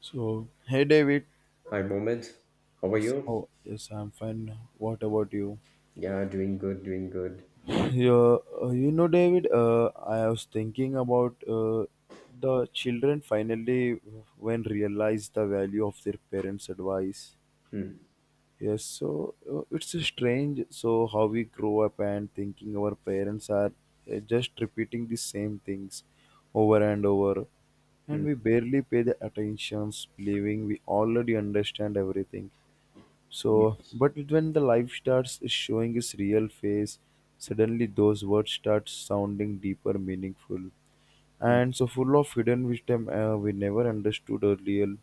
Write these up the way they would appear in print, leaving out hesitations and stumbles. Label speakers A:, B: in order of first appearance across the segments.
A: So, hey David.
B: Hi, Mohammed. How are
A: Yes,
B: you?
A: how? Yes, I'm fine. What about you?
B: Yeah, doing good, doing good.
A: David. I was thinking about the children finally when realize the value of their parents' advice.
B: Hmm.
A: It's strange. So how we grow up and thinking our parents are just repeating the same things over and over, and
B: Hmm.
A: we barely pay the attentions, believing we already understand everything.
B: Yes.
A: But when the life starts is showing its real face, suddenly those words start sounding deeper, meaningful,
B: Hmm.
A: and so full of hidden wisdom we never understood earlier.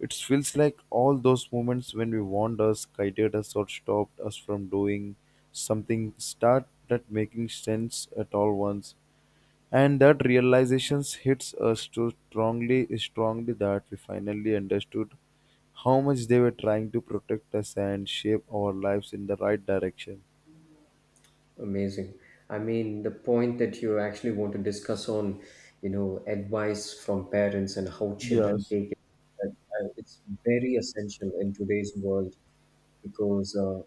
A: It feels like all those moments when we warned us, guided us, or stopped us from doing something start not making sense at all once. And that realization hits us too strongly that we finally understood how much they were trying to protect us and shape our lives in the right direction.
B: Amazing. I mean, the point that you actually want to discuss on, you know, advice from parents and how children
A: Yes,
B: take it, it's very essential in today's world because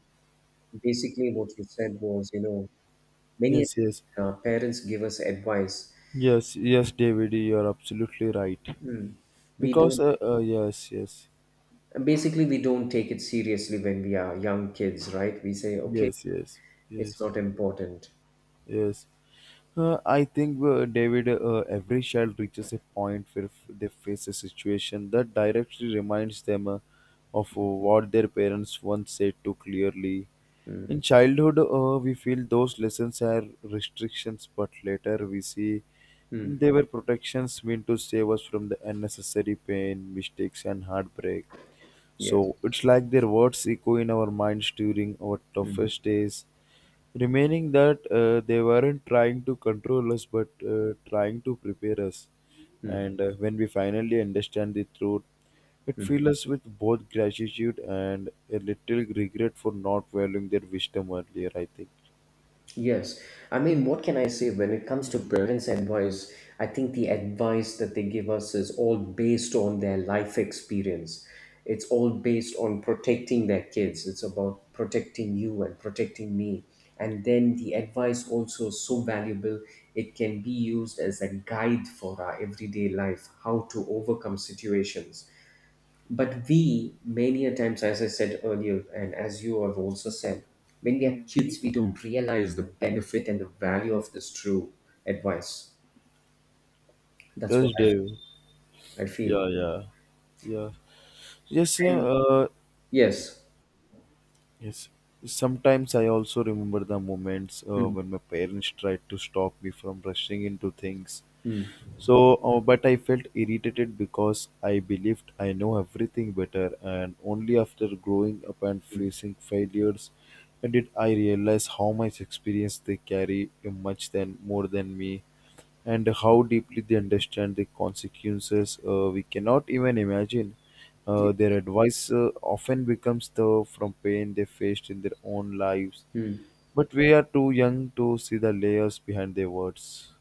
B: basically what you said was, you know, many
A: yes, yes,
B: parents give us advice.
A: yes, David, you're absolutely right.
B: Hmm. We
A: Because,
B: don't,
A: yes, yes,
B: basically, we don't take it seriously when we are young kids, right? We say, okay,
A: yes, yes,
B: it's
A: yes,
B: not important.
A: yes. I think, David, every child reaches a point where they face a situation that directly reminds them of what their parents once said too clearly. In childhood, we feel those lessons are restrictions, but later we see
B: Mm.
A: they were protections meant to save us from the unnecessary pain, mistakes, and heartbreak.
B: Yes.
A: So it's like their words echo in our minds during our
B: Mm.
A: toughest days, remaining that they weren't trying to control us but trying to prepare us, and when we finally understand the truth it fills us with both gratitude and a little regret for not valuing their wisdom earlier, I think.
B: Yes. I mean, what can I say when it comes to parents' advice? I think the advice that they give us is all based on their life experience. It's all based on protecting their kids. It's about protecting you and protecting me. And then the advice also is so valuable, it can be used as a guide for our everyday life, how to overcome situations. But we, many a times, as I said earlier, and as you have also said, when we are kids, we don't realize the benefit and the value of this true advice. That's what
A: Yes, Dave.
B: I feel.
A: Yeah, yeah, yeah. yes uh,
B: And
A: uh,
B: yes.
A: yes sometimes I also remember the moments
B: Hmm,
A: when my parents tried to stop me from rushing into things.
B: hmm,
A: But I felt irritated because I believed I know everything better, and only after growing up and
B: hmm.
A: facing failures did I realize how much experience they carry, much than more than me, and how deeply they understand the consequences we cannot even imagine.
B: Ye-
A: Their advice often becomes the from pain they faced in their own lives,
B: hmm.
A: but we are too young to see the layers behind their words.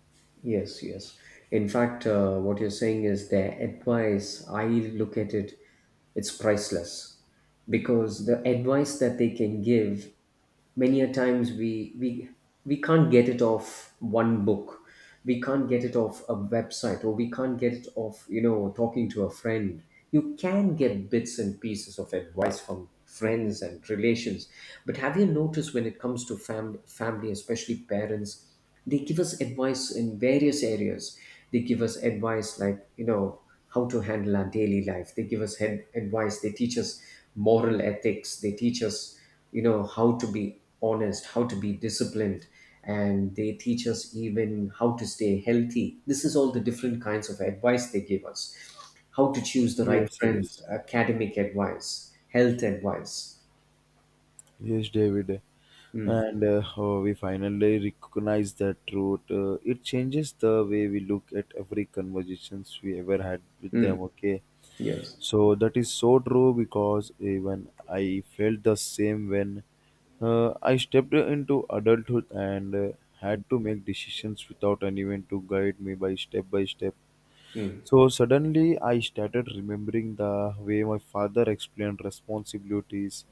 B: Yes, yes. In fact, what you're saying is the advice, I look at it, it's priceless because the advice that they can give many a times we we can't get it off one book, we can't get it off a website, or we can't get it off, you know, talking to a friend. You can get bits and pieces of advice from friends and relations, but have you noticed when it comes to family, especially parents, they give us advice in various areas. They give us advice like, you know, how to handle our daily life. They give us head advice, they teach us moral ethics, they teach us, you know, how to be honest, how to be disciplined, and they teach us even how to stay healthy. This is all the different kinds of advice they give us: how to choose the right
A: Yes,
B: friends,
A: yes.
B: academic advice, health advice.
A: Yes, David.
B: Mm,
A: And we finally recognize that truth. It changes the way we look at every conversations we ever had with
B: mm,
A: them. Okay,
B: yes.
A: so that is so true because even I felt the same when I stepped into adulthood and had to make decisions without anyone to guide me by step by step.
B: Mm,
A: So suddenly I started remembering the way my father explained responsibilities,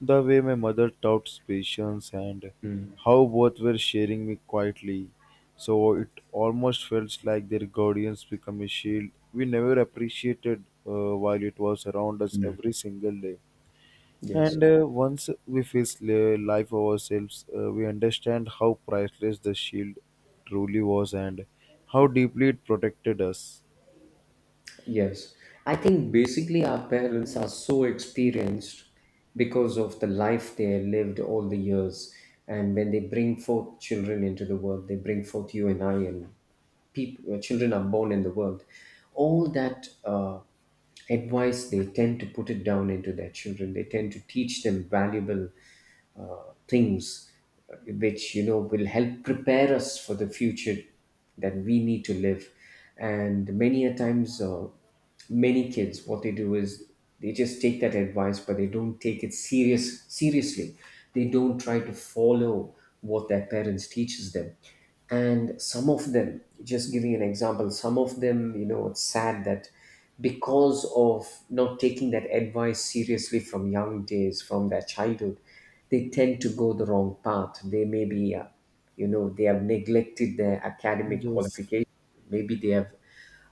A: the way my mother taught patience, and
B: mm,
A: how both were sharing me quietly. So it almost felt like their guardians become a shield we never appreciated while it was around us
B: mm,
A: every single day.
B: yes.
A: And once we face life ourselves, we understand how priceless the shield truly was and how deeply it protected us.
B: Yes, I think basically our parents are so experienced because of the life they lived all the years. And when they bring forth children into the world, they bring forth you and I, and people, children are born in the world. All that advice, they tend to put it down into their children. They tend to teach them valuable things which, you know, will help prepare us for the future that we need to live. And many a times, many kids, what they do is they just take that advice, but they don't take it seriously. They don't try to follow what their parents teaches them. And some of them, just giving an example, some of them, you know, it's sad that because of not taking that advice seriously from young days, from their childhood, they tend to go the wrong path. They may be, you know, they have neglected their academic
A: Yes,
B: qualification. Maybe they have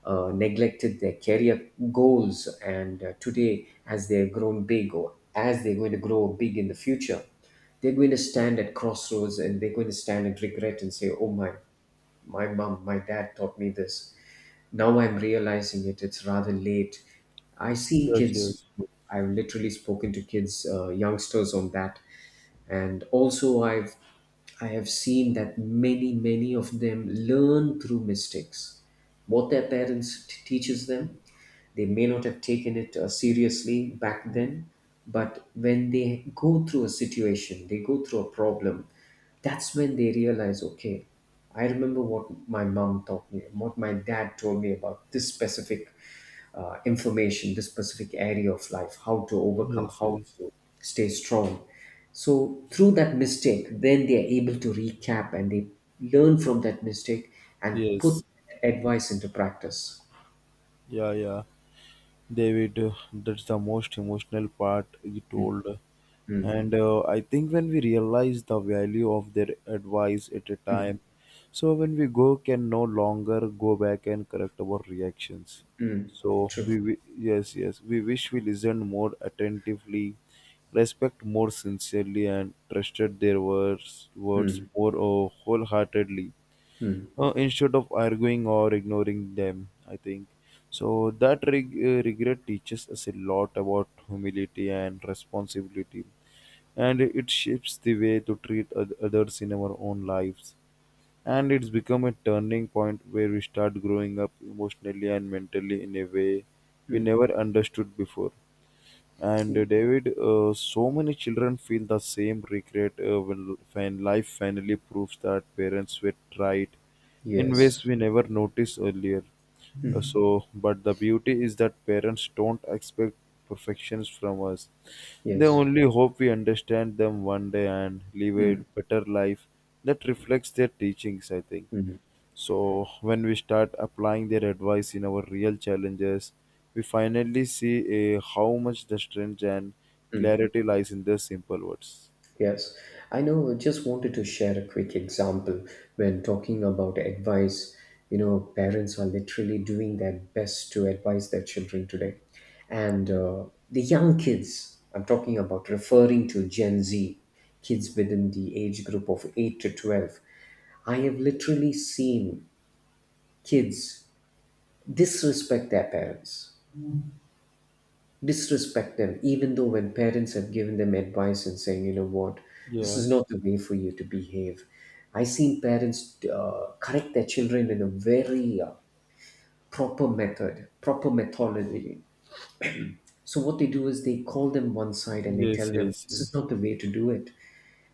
B: neglected their career goals. And today, as they're grown big or as they're going to grow big in the future, they're going to stand at crossroads, and they're going to stand and regret and say, oh, my mom, my dad taught me this. Now I'm realizing it. It's rather late. I've seen
A: yes,
B: kids,
A: yes,
B: I've literally spoken to kids, youngsters on that, and also I have seen that many of them learn through mistakes what their parents teaches them. They may not have taken it, seriously back then, but when they go through a situation, they go through a problem, that's when they realize, okay, I remember what my mom taught me, what my dad told me about this specific, inflammation, this specific area of life, how to overcome,
A: yes,
B: how
A: yes,
B: to stay strong. So through that mistake, then they are able to recap and they learn from that mistake and put
A: yes.
B: advice into practice.
A: Yeah, yeah. David, that's the most emotional part you told. And I think when we realize the value of their advice at a time, so when we go, can no longer go back and correct our reactions.
B: Mm, true.
A: Yes, yes, we wish we listened more attentively, respect more sincerely, and trusted their words
B: Mm,
A: more wholeheartedly,
B: mm,
A: instead of arguing or ignoring them, I think. So that regret teaches us a lot about humility and responsibility, and it shapes the way to treat others in our own lives. And it's become a turning point where we start growing up emotionally and mentally in a way we
B: mm.
A: never understood before. And David, so many children feel the same regret when life finally proves that parents were right in ways
B: Yes.
A: we never noticed earlier. But the beauty is that parents don't expect perfections from us. They
B: Yes.
A: only hope we understand them one day and live a better life that reflects their teachings, I think. So when we start applying their advice in our real challenges, we finally see how much the strength and clarity lies in their simple words.
B: Yes, I know. Just wanted to share a quick example when talking about advice. You know, parents are literally doing their best to advise their children today. And the young kids, I'm talking about, referring to Gen Z, kids within the age group of 8 to 12. I have literally seen kids disrespect their parents, disrespect them, even though when parents have given them advice and saying, you know what, this
A: Yeah,
B: is not the way for you to behave. I seen parents, correct their children in a very, proper method, proper methodology. So what they do is they call them one side and they tell
A: yes,
B: them
A: yes,
B: this
A: yes,
B: is not the way to do it.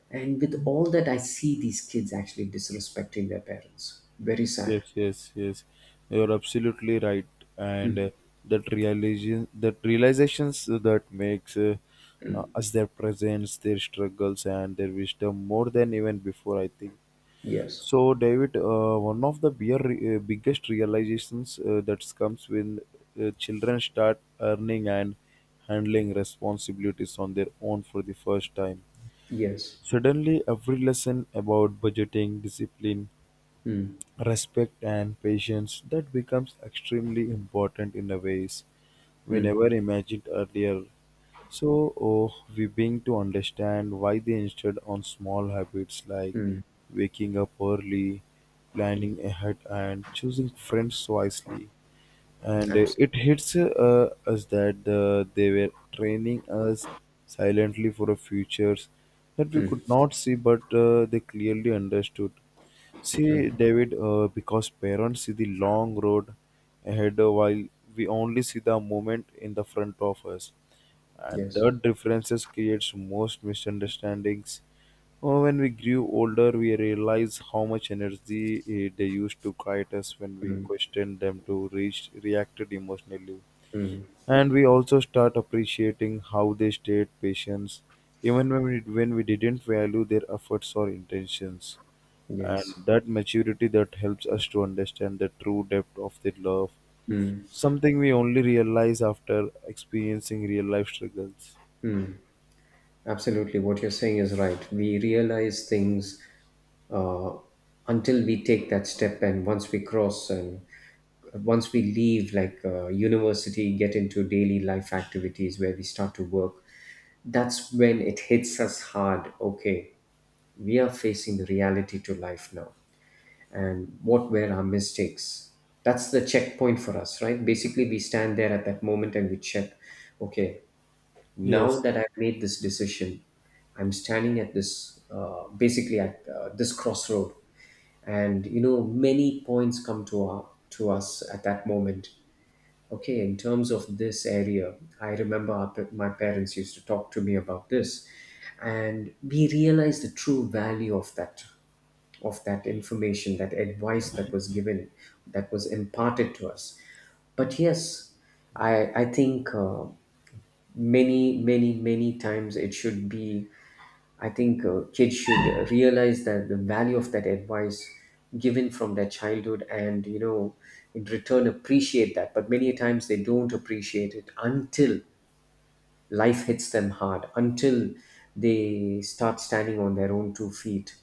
B: And with all that, I see these kids actually disrespecting their parents. Very sad.
A: yes. You're absolutely right, and that that realizations that makes us their presence, their struggles, and their wisdom more than even before, I think.
B: Yes.
A: So, David, one of the biggest realizations that comes when children start earning and handling responsibilities on their own for the first time.
B: Yes.
A: Suddenly, every lesson about budgeting, discipline, respect, and patience that becomes extremely important in a ways we never imagined earlier. We begin to understand why they insisted on small habits like waking up early, planning ahead, and choosing friends wisely. And
B: Absolutely.
A: it hits us that they were training us silently for a futures that we could not see but they clearly understood. See David, because parents see the long road ahead while we only see the moment in the front of us, and
B: Yes.
A: that differences creates most misunderstandings. Oh, when we grew older we realized how much energy they used to guide us when we questioned them to reach reacted emotionally, and we also start appreciating how they stayed patient even when we didn't value their efforts or intentions.
B: Yes.
A: And that maturity that helps us to understand the true depth of their love, something we only realize after experiencing real life struggles.
B: Absolutely. What you're saying is right. We realize things, uh, until we take that step, and once we cross and once we leave, like, university, get into daily life activities where we start to work, that's when it hits us hard. Okay, we are facing the reality to life now, and what were our mistakes. That's the checkpoint for us, right? Basically, we stand there at that moment and we check, okay, now
A: Yes,
B: that I've made this decision, I'm standing at this, basically at this crossroad. And you know, many points come to to us at that moment. Okay, in terms of this area, I remember my parents used to talk to me about this, and we realized the true value of that, of that information, that advice that was given, that was imparted to us. But yes, I think, many times it should be, I think, kids should, realize that the value of that advice given from their childhood and, you know, in return appreciate that. But many a times they don't appreciate it until life hits them hard, until they start standing on their own two feet.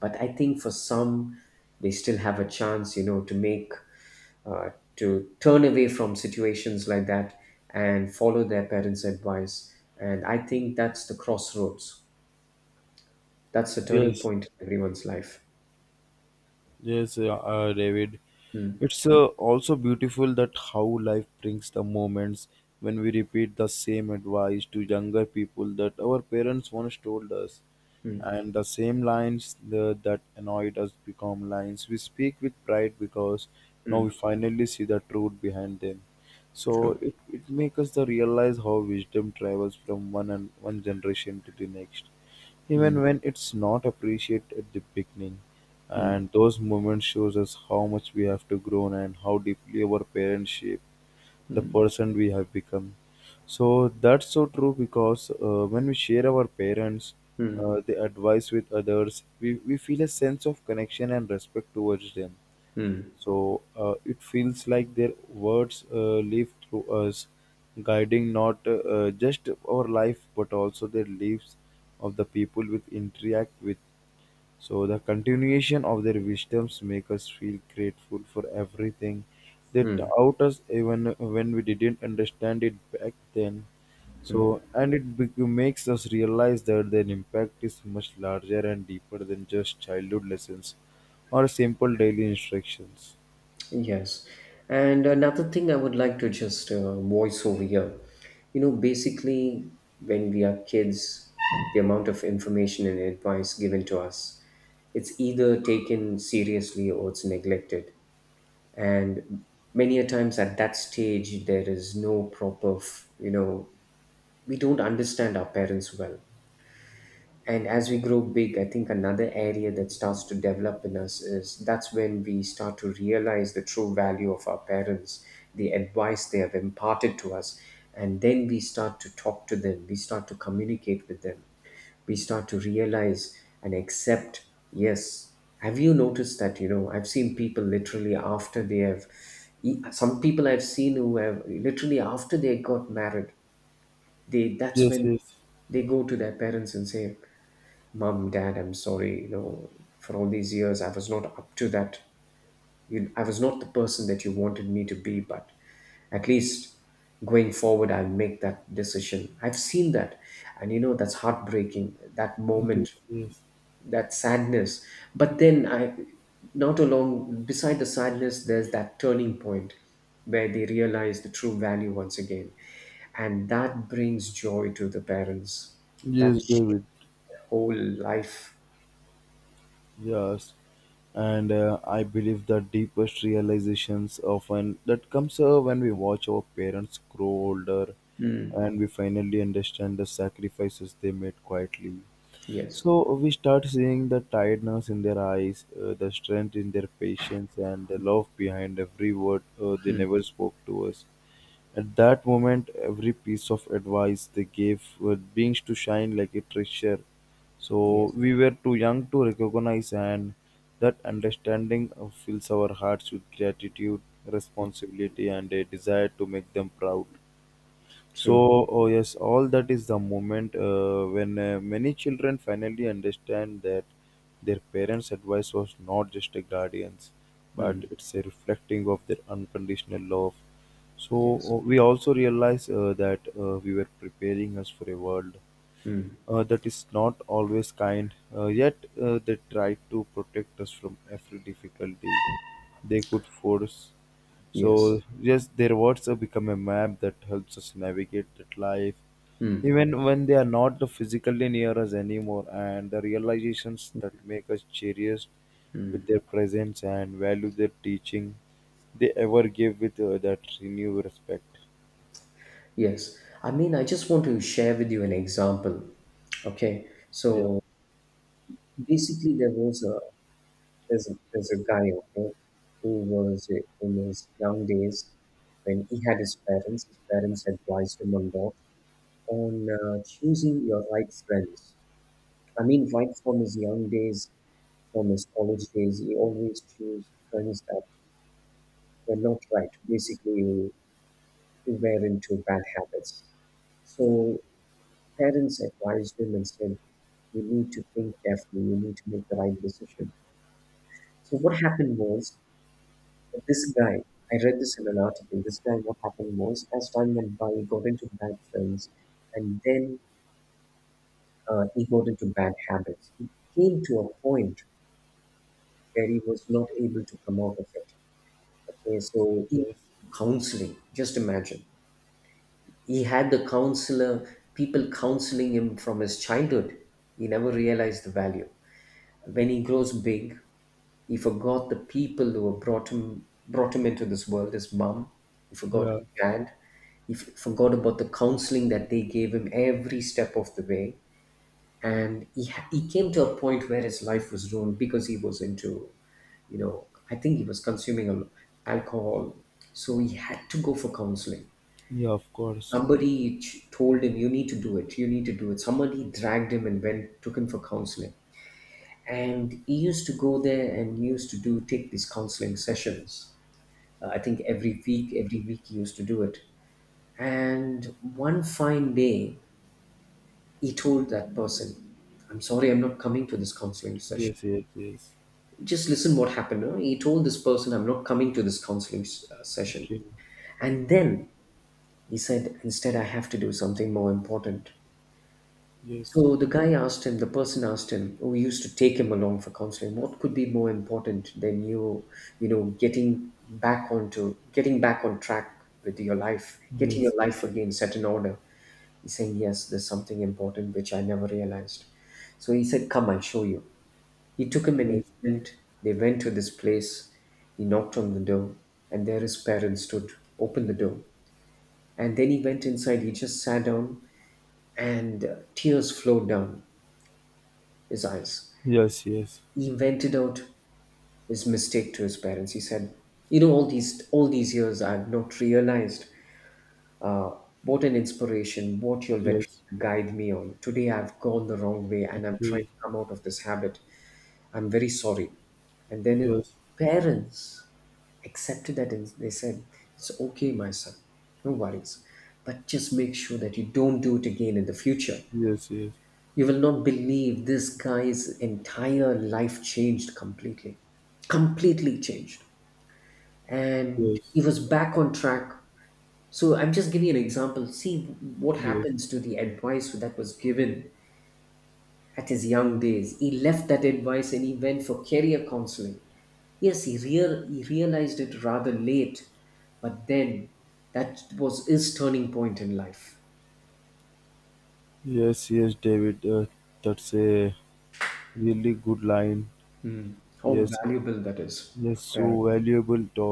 B: But I think for some, they still have a chance, you know, to make, uh, to turn away from situations like that and follow their parents' advice. And I think that's the crossroads, that's the turning
A: yes,
B: point in everyone's life.
A: yes, David.
B: Mm,
A: It's also beautiful that how life brings the moments when we repeat the same advice to younger people that our parents once told us.
B: mm,
A: And the same lines that annoyed us become lines we speak with pride because now we
B: mm,
A: finally see the truth behind them. So
B: true.
A: it makes us the realize how wisdom travels from one and one generation to the next even when it's not appreciated at the beginning. And
B: Mm,
A: those moments shows us how much we have to grow and how deeply our parents shape the person we have become. So that's so true because when we share our parents,
B: mm,
A: the advice with others, we feel a sense of connection and respect towards them.
B: mm,
A: So it feels like their words live through us, guiding not just our life but also the lives of the people we interact with. So the continuation of their wisdoms make us feel grateful for everything they
B: mm.
A: taught us even when we didn't understand it back then. So and it makes us realize that their impact is much larger and deeper than just childhood lessons or simple daily instructions.
B: Yes. And another thing I would like to just, voice over here. You know, basically, when we are kids, the amount of information and advice given to us, it's either taken seriously or it's neglected. And many a times at that stage, there is no proper, you know, we don't understand our parents well. And as we grow big, I think another area that starts to develop in us is that's when we start to realize the true value of our parents, the advice they have imparted to us. And then we start to talk to them, we start to communicate with them, we start to realize and accept. Yes, have you noticed that, you know, I've seen people literally after they have, some people I've seen who have literally after they got married, they, that's
A: Yes,
B: when
A: yes,
B: they go to their parents and say, Mom, Dad, I'm sorry. You know, for all these years, I was not up to that. You, I was not the person that you wanted me to be, but at least going forward, I'll make that decision. I've seen that. And you know, that's heartbreaking, that
A: yes,
B: moment,
A: yes,
B: that sadness. But then I, not along, beside the sadness, there's that turning point where they realize the true value once again. And that brings joy to the parents. That
A: yes,
B: shaped
A: David.
B: the whole life.
A: Yes, and I believe the deepest realizations often that comes when we watch our parents grow older, and we finally understand the sacrifices they made quietly.
B: Yes.
A: So we start seeing the tiredness in their eyes, the strength in their patience, and the love behind every word they never spoke to us. At that moment, every piece of advice they gave were beings to shine like a treasure. So
B: Yes.
A: we were too young to recognize, and that understanding fills our hearts with gratitude, responsibility, and a desire to make them proud.
B: True.
A: So, oh yes, all that is the moment when many children finally understand that their parents' advice was not just a guardian's, but
B: Mm.
A: it's a reflecting of their unconditional love. So,
B: Yes.
A: we also realize that we were preparing us for a world
B: Mm.
A: that is not always kind, yet they tried to protect us from every difficulty they could force. So
B: Yes.
A: yes, their words have become a map that helps us navigate that life,
B: Mm.
A: even when they are not physically near us anymore. And the realizations that make us cherish with
B: Mm.
A: their presence and value their teaching, they ever give with that renewed respect.
B: Yes. I mean, I just want to share with you an example. Okay.
A: Yeah.
B: So basically, there was a, there's a, there's a guy, okay, who was in his young days when he had his parents. His parents advised him a lot on, choosing your right friends. I mean, right from his young days, from his college days, he always chose friends that were not right. Basically, who were into bad habits. So parents advised him and said, you need to think carefully, you need to make the right decision. So what happened was this guy, I read this in an article, this guy, what happened was as time went by, he got into bad friends, and then he got into bad habits. He came to a point where he was not able to come out of it. Okay, so he
A: Yes.
B: counseling, just imagine. He had the counselor, people counseling him from his childhood. He never realized the value. When he grows big, he forgot the people who have brought him into this world. His mom, he forgot
A: Yeah.
B: his dad, he forgot about the counseling that they gave him every step of the way. And he came to a point where his life was ruined because he was into I think he was consuming alcohol, so he had to go for counseling.
A: Yeah. Of course.
B: Told him, "You need to do it. You need to do it." Somebody dragged him and went, took him for counseling. And he used to go there and used to do take these counseling sessions. I think every week he used to do it. And one fine day, he told that person, "I'm sorry, I'm not coming to this counseling session."
A: Yes. Yes. Yes.
B: Just listen what happened. Huh? He told this person, "I'm not coming to this session."
A: Okay.
B: And then he said, "Instead, I have to do something more important."
A: Yes.
B: So the guy asked him, the person asked him, who used to take him along for counseling, "What could be more important than you, you know, getting back on track with your life, getting your
A: Yes.
B: life again set in order?" He's saying, "Yes, there's something important which I never realized." So he said, "Come, I'll show you." He took him and he
A: Yes.
B: went. They went to this place. He knocked on the door, and there his parents stood, opened the door. And then he went inside. He just sat down, and tears flowed down his eyes.
A: Yes. Yes.
B: He vented out his mistake to his parents. He said, "You know, all these years, I've not realized uh, what an inspiration, what your vet
A: Yes.
B: guide me on. Today, I've gone the wrong way, and I'm trying
A: Okay.
B: to come out of this habit. I'm very sorry." And then his
A: Yes.
B: parents accepted that, and they said, "It's okay, my son. No worries, but just make sure that you don't do it again in the future."
A: Yes. Yes.
B: You will not believe this guy's entire life changed completely. Completely changed. And he
A: Yes.
B: was back on track. So I'm just giving an example. See what
A: Yes.
B: happens to the advice that was given at his young days. He left that advice and he went for career counseling. Yes, he realized it rather late, but then that was his turning point in life.
A: Yes, David, that's a really good line.
B: How
A: Yes,
B: valuable that is,
A: yes,
B: parents.
A: so valuable to,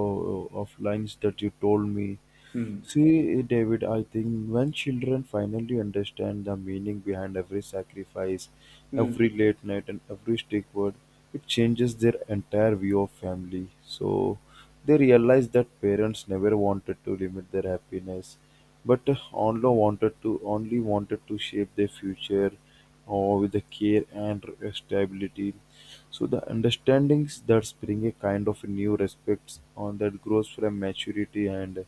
A: of lines that you told me. See, David, I think when children finally understand the meaning behind every sacrifice, every late night, and every stick word, it changes their entire view of family. So they realize that parents never wanted to limit their happiness, but only wanted to shape their future, or with the care and stability. So the understandings that bring a kind of new respects on that grows from maturity and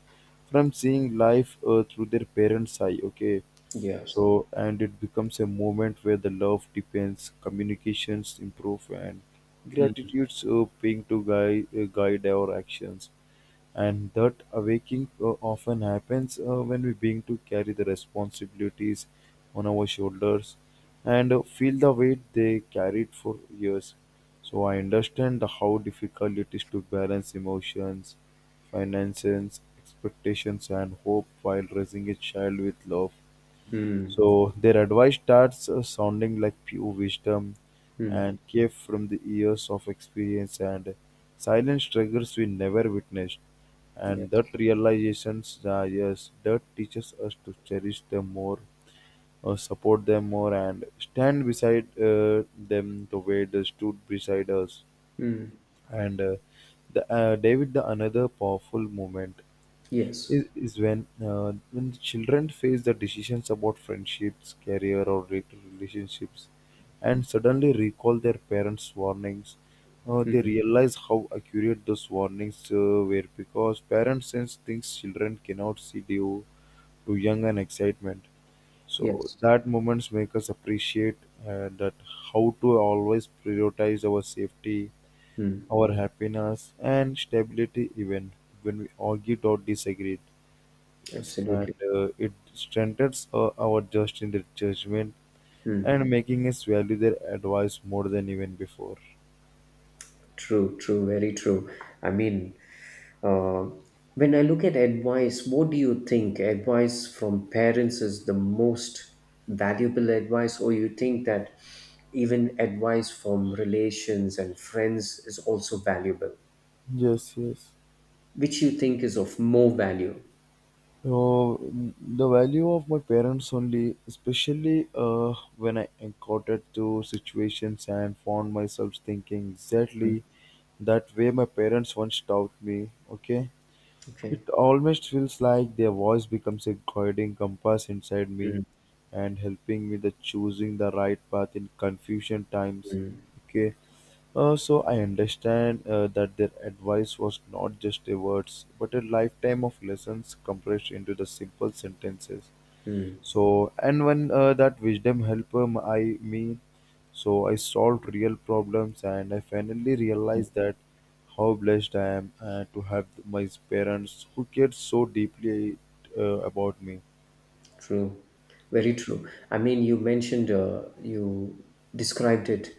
A: from seeing life through their parents' eye. Okay,
B: Yes.
A: so and it becomes a moment where the love depends, communications improve, and gratitudes being to guide our actions, and that awakening often happens when we begin to carry the responsibilities on our shoulders and feel the weight they carried for years. So I understand how difficult it is to balance emotions, finances, expectations, and hope while raising a child with love.
B: Mm.
A: So their advice starts sounding like pure wisdom and came from the years of experience and silent struggles we never witnessed. And that
B: Yes.
A: realizations, yes, that teaches us to cherish them more, support them more, and stand beside them the way they stood beside us. And David, the another powerful moment
B: Yes.
A: is when when the children face the decisions about friendships, career, or later relationships, and suddenly recall their parents' warnings. They realize how accurate those warnings were because parents sense things children cannot see due to young and excitement. So
B: Yes.
A: that moments make us appreciate that how to always prioritize our safety,
B: Mm,
A: our happiness, and stability even when we argued or disagreed. Yes, and
B: absolutely.
A: it strengthens our trust in their judgment and making us value their advice more than even before.
B: True, true, very true. I mean, uh, when I look at advice, what do you think advice from parents is the most valuable advice, or you think that even advice from relations and friends is also valuable?
A: Yes, yes.
B: Which you think is of more value?
A: So the value of my parents only, especially when I encountered two situations and found myself thinking exactly that way my parents once taught me. Okay.
B: Okay.
A: It almost feels like their voice becomes a guiding compass inside me and helping me the choosing the right path in confusion times. Okay. So I understand that their advice was not just a words, but a lifetime of lessons compressed into the simple sentences. So and when that wisdom helped um, i me, so I solved real problems and I finally realized that how blessed I am to have my parents who cared so deeply about me.
B: True, very
A: Yeah.
B: true. I mean, you mentioned, you described it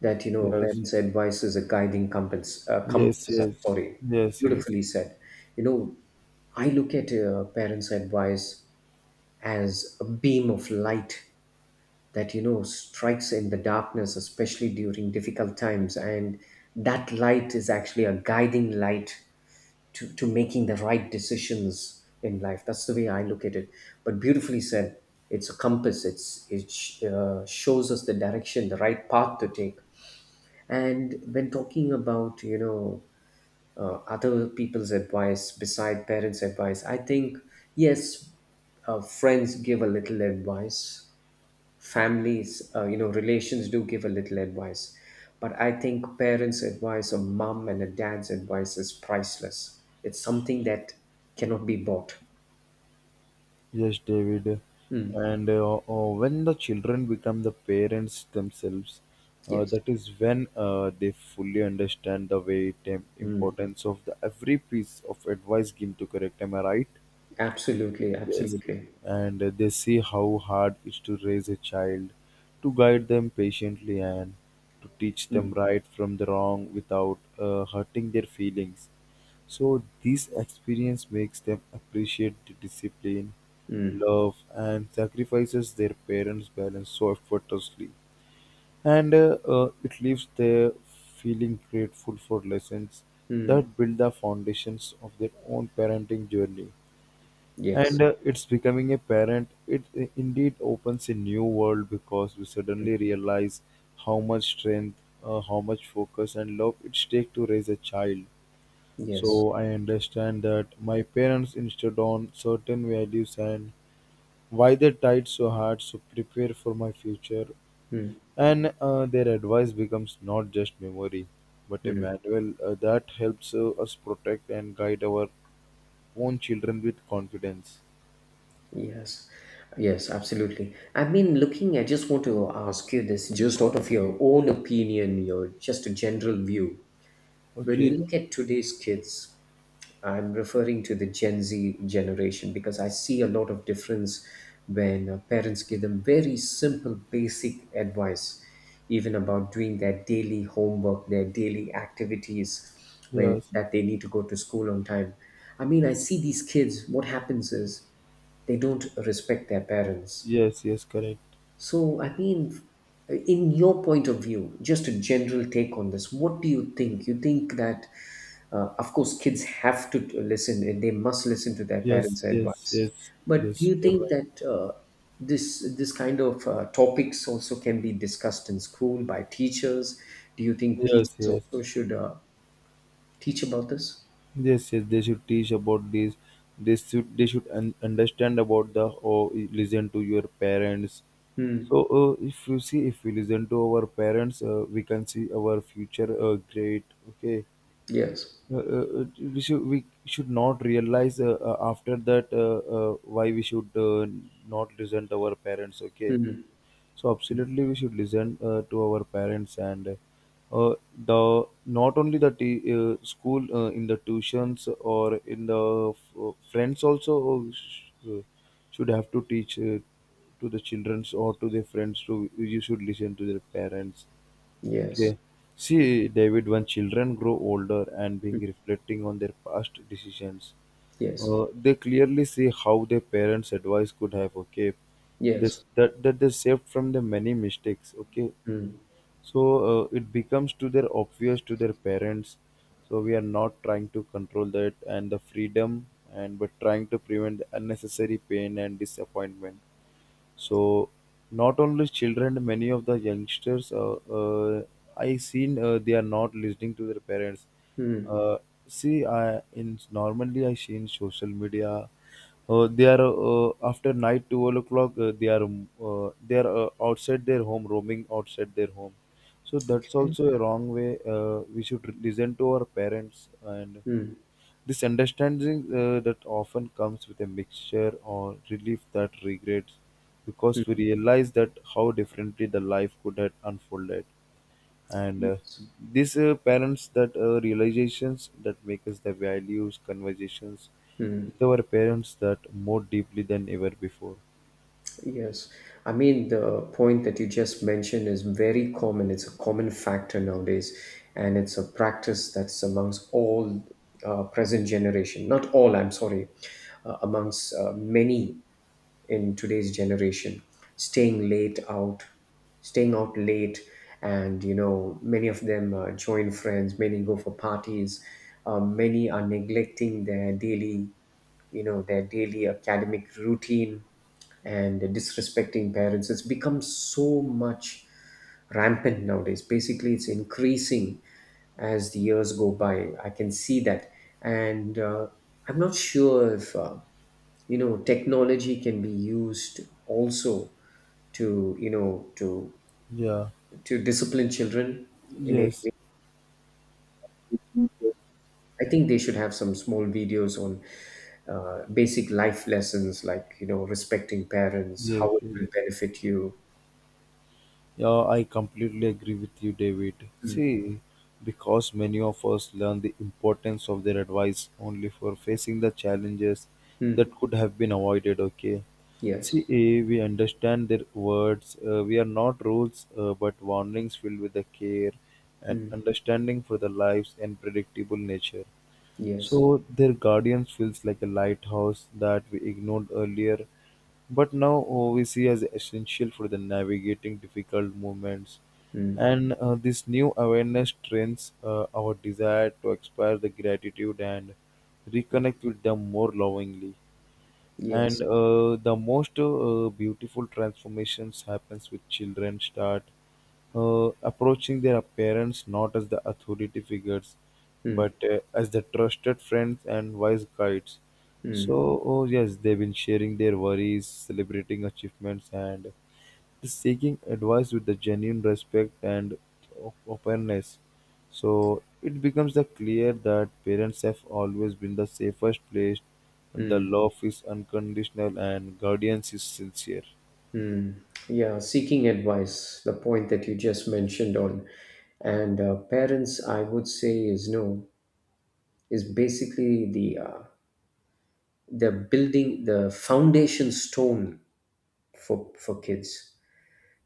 B: that, you know,
A: Yes,
B: parents' advice is a guiding compass,
A: yes, yes,
B: sorry,
A: yes, yes.
B: beautifully said. You know, I look at parents' advice as a beam of light that, you know, strikes in the darkness, especially during difficult times. And that light is actually a guiding light to making the right decisions in life. That's the way I look at it. But beautifully said, it's a compass. It shows us the direction, the right path to take. And when talking about you know other people's advice beside parents' advice, I think yes, friends give a little advice, families, you know, relations do give a little advice. But I think parents' advice or mom and a dad's advice is priceless. It's something that cannot be bought.
A: Yes, David. And when the children become the parents themselves,
B: Yes.
A: that is when they fully understand the weight and importance of the every piece of advice given to correct. Am I right?
B: Absolutely.
A: Yes.
B: Absolutely.
A: And they see how hard it is to raise a child, to guide them patiently and to teach them right from the wrong without hurting their feelings. So this experience makes them appreciate the discipline,
B: Mm,
A: love, and sacrifices their parents balance so effortlessly. And it leaves them feeling grateful for lessons
B: mm,
A: that build the foundations of their own parenting journey,
B: yes.
A: and it's becoming a parent, it indeed opens a new world because we suddenly realize how much strength, how much focus and love it takes to raise a child. So
B: Yes.
A: I understand that my parents insisted on certain values and why they tried so hard to prepare for my future, and their advice becomes not just memory but a manual that helps us protect and guide our own children with confidence.
B: Yes. Yes, absolutely. I mean, looking, I just want to ask you this just out of your own opinion, your just a general view. When you
A: Okay.
B: look at today's kids, I'm referring to the Gen Z generation because I see a lot of difference when parents give them very simple, basic advice, even about doing their daily homework, their daily activities, where
A: Yes.
B: that they need to go to school on time. I mean, I see these kids. What happens is they don't respect their parents.
A: Yes, yes, correct.
B: So, I mean, in your point of view, just a general take on this, what do you think? You think that, of course, kids have to listen and they must listen to their
A: Yes,
B: parents'
A: yes,
B: advice.
A: yes,
B: But do
A: yes,
B: you
A: you're
B: think
A: right.
B: that this kind of topics also can be discussed in school by teachers? Do you think
A: Yes,
B: teachers
A: yes,
B: also should teach about this?
A: yes, yes. They should teach about this. They should understand about the or listen to your parents.
B: Hmm.
A: So if you see, if we listen to our parents, we can see our future great. Okay.
B: Yes.
A: We should not realize after that why we should not listen to our parents. Okay.
B: Hmm.
A: So absolutely, we should listen to our parents, and uh, the not only the school in the tuitions or in the friends also, uh, sh- uh, should have to teach to the childrens or to their friends to you should listen to their parents.
B: Yes.
A: Okay. See, David, when children grow older and being reflecting on their past decisions,
B: Yes.
A: they clearly see how their parents' advice could have, okay, this
B: Yes.
A: that they saved from the many mistakes, okay. So it becomes to their obvious to their parents. So we are not trying to control that and the freedom and but trying to prevent unnecessary pain and disappointment. So not only children, many of the youngsters, I seen they are not listening to their parents.
B: Hmm.
A: Uh, See, I in normally I see in social media, they are after night 12 o'clock. They are outside their home, roaming outside their home. So that's
B: Okay.
A: also a wrong way. We should listen to our parents, and
B: Hmm.
A: this understanding that often comes with a mixture or relief that regrets because we realize that how differently the life could have unfolded. And
B: Yes.
A: these parents that realizations that make us the values, conversations with our parents that more deeply than ever before.
B: Yes, I mean, the point that you just mentioned is very common. It's a common factor nowadays, and it's a practice that's amongst all present generation, not all, I'm sorry, amongst many in today's generation, staying late out, staying out late, and you know, many of them join friends, many go for parties, many are neglecting their daily, you know, their daily academic routine and disrespecting parents. It's become so much rampant nowadays. Basically, it's increasing as the years go by. I can see that, and I'm not sure if you know technology can be used also to you know
A: Yeah.
B: to discipline children in any way.
A: Yes.
B: I think they should have some small videos on basic life lessons like you know respecting parents,
A: Yes,
B: how it
A: yes.
B: will benefit you.
A: Yeah, I completely agree with you, David.
B: Mm.
A: See, because many of us learn the importance of their advice only for facing the challenges that
B: Mm.
A: could have been avoided, okay? See,
B: Yes.
A: we understand their words. We are not rules, but warnings filled with the care and
B: Mm.
A: understanding for the lives and predictable nature.
B: Yes.
A: So their guardians feels like a lighthouse that we ignored earlier, but now we see as essential for the navigating difficult moments.
B: Mm.
A: And this new awareness trains our desire to express the gratitude and reconnect with them more lovingly,
B: Yes.
A: and the most beautiful transformations happens with children start approaching their parents not as the authority figures but
B: Mm,
A: as the trusted friends and wise guides. So, oh yes, they've been sharing their worries, celebrating achievements, and seeking advice with the genuine respect and openness. So it becomes the clear that parents have always been the safest place. The
B: mm,
A: love is unconditional and guardians is sincere.
B: mm. Yeah, seeking advice, the point that you just mentioned on, and parents, I would say, is no, is basically the building the foundation stone for kids.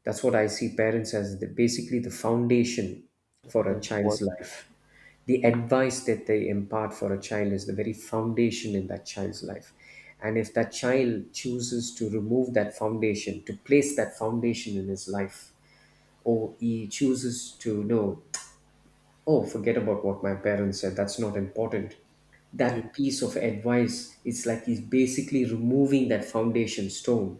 B: That's what I see parents as the, basically the foundation for a
A: But what?
B: child's life. The advice that they impart for a child is the very foundation in that child's life. And if that child chooses to remove that foundation, to place that foundation in his life, or he chooses to know, oh, forget about what my parents said, that's not important, that piece of advice, it's like he's basically removing that foundation stone,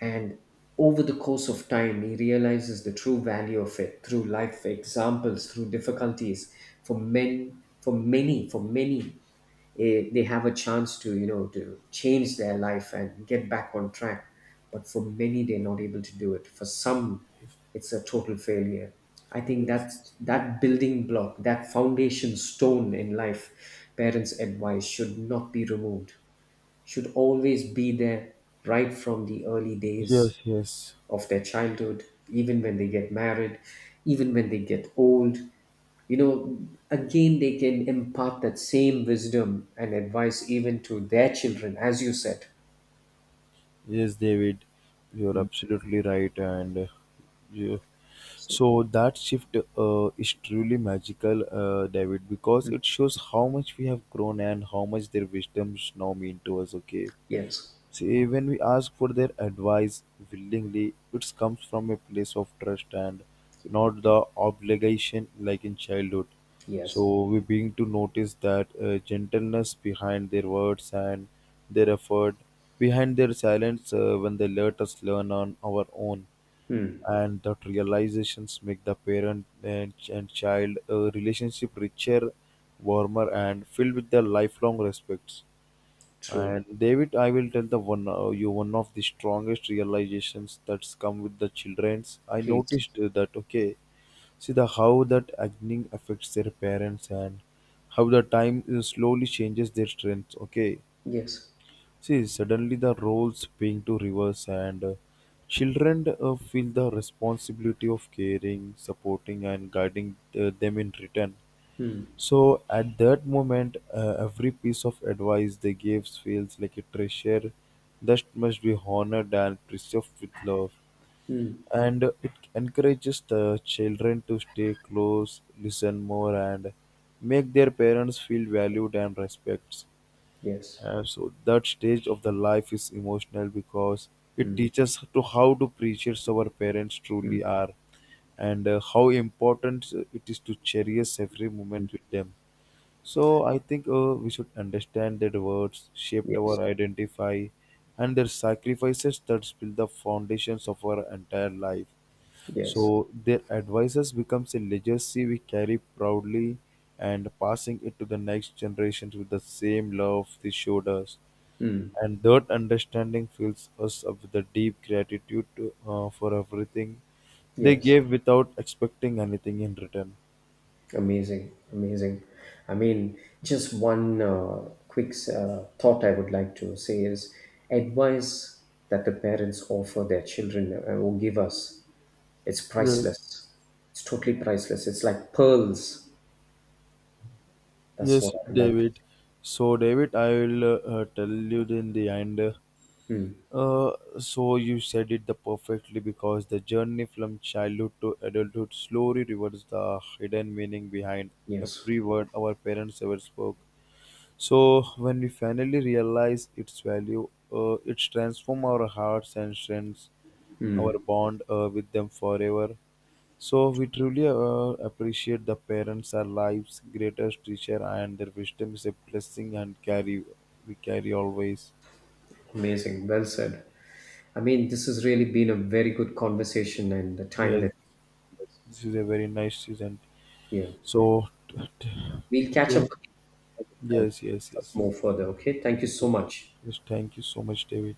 B: and over the course of time, he realizes the true value of it through life examples, through difficulties. For men, for many, eh, they have a chance to you know to change their life and get back on track. But for many, they're not able to do it. For some, it's a total failure. I think
A: Yes,
B: that's that building block, that foundation stone in life, parents' advice should not be removed. Should always be there right from the early
A: yes.
B: days
A: Yes.
B: of their childhood, even when they get married, even when they get old. You know, again, they can impart that same wisdom and advice even to their children, as you said.
A: Yes, David, you're
B: Mm.
A: absolutely right. And you,
B: So,
A: so that shift is truly magical, David, because it shows how much we have grown and how much their wisdoms now mean to us. Okay.
B: yes,
A: See, when we ask for their advice willingly, it comes from a place of trust and not the obligation like in childhood.
B: yes.
A: So we begin to notice that gentleness behind their words and their effort, behind their silence when they let us learn on our own.
B: Hmm.
A: And that realizations make the parent and child relationship richer, warmer, and filled with their lifelong respects.
B: True.
A: And David, I will tell the one you one of the strongest realizations that's come with the childrens. I
B: Please.
A: noticed that, okay, see the how that aging affects their parents and how the time slowly changes their strengths. Okay,
B: Yes.
A: see suddenly the roles being to reverse and children feel the responsibility of caring, supporting, and guiding them in return.
B: Hmm.
A: So at that moment, every piece of advice they gave feels like a treasure that must be honored and preserved with love.
B: Hmm.
A: And it encourages the children to stay close, listen more, and make their parents feel valued and respected.
B: Yes.
A: So that stage of the life is emotional because it teaches to how to appreciate our parents
B: Hmm.
A: truly are, and how important it is to cherish every moment with them. So I think we should understand that words shaped
B: Yes.
A: our identify, and their sacrifices that build the foundations of our entire life.
B: Yes.
A: So their advices becomes a legacy we carry proudly and passing it to the next generations with the same love they showed us.
B: Hmm.
A: And that understanding fills us up with a deep gratitude for everything they
B: Yes.
A: gave without expecting anything in return.
B: Amazing, amazing. I mean, just one quick thought I would like to say is advice that the parents offer their children or give us, it's
A: Yes.
B: priceless. It's totally priceless. It's like pearls. That's what
A: Yes,
B: I'd like to
A: David. So, David, I will tell you in the end.
B: say. Hmm.
A: Uh, so you said it the perfectly because the journey from childhood to adulthood slowly reveals the hidden meaning behind
B: Yes,
A: every word our parents ever spoke. So when we finally realize its value, it transforms our hearts and strengths our bond with them forever. So we truly appreciate the parents, our lives, greatest teacher, and their wisdom is a blessing and carry we carry always.
B: amazing. Well said. I mean, this has really been a very good conversation and the time
A: Yes,
B: that,
A: this is a very nice season.
B: yeah.
A: So,
B: We'll catch up
A: okay.
B: again and
A: Yes, yes,
B: discuss
A: yes.
B: more further. Okay. Thank you so much.
A: Yes, thank you so much, David.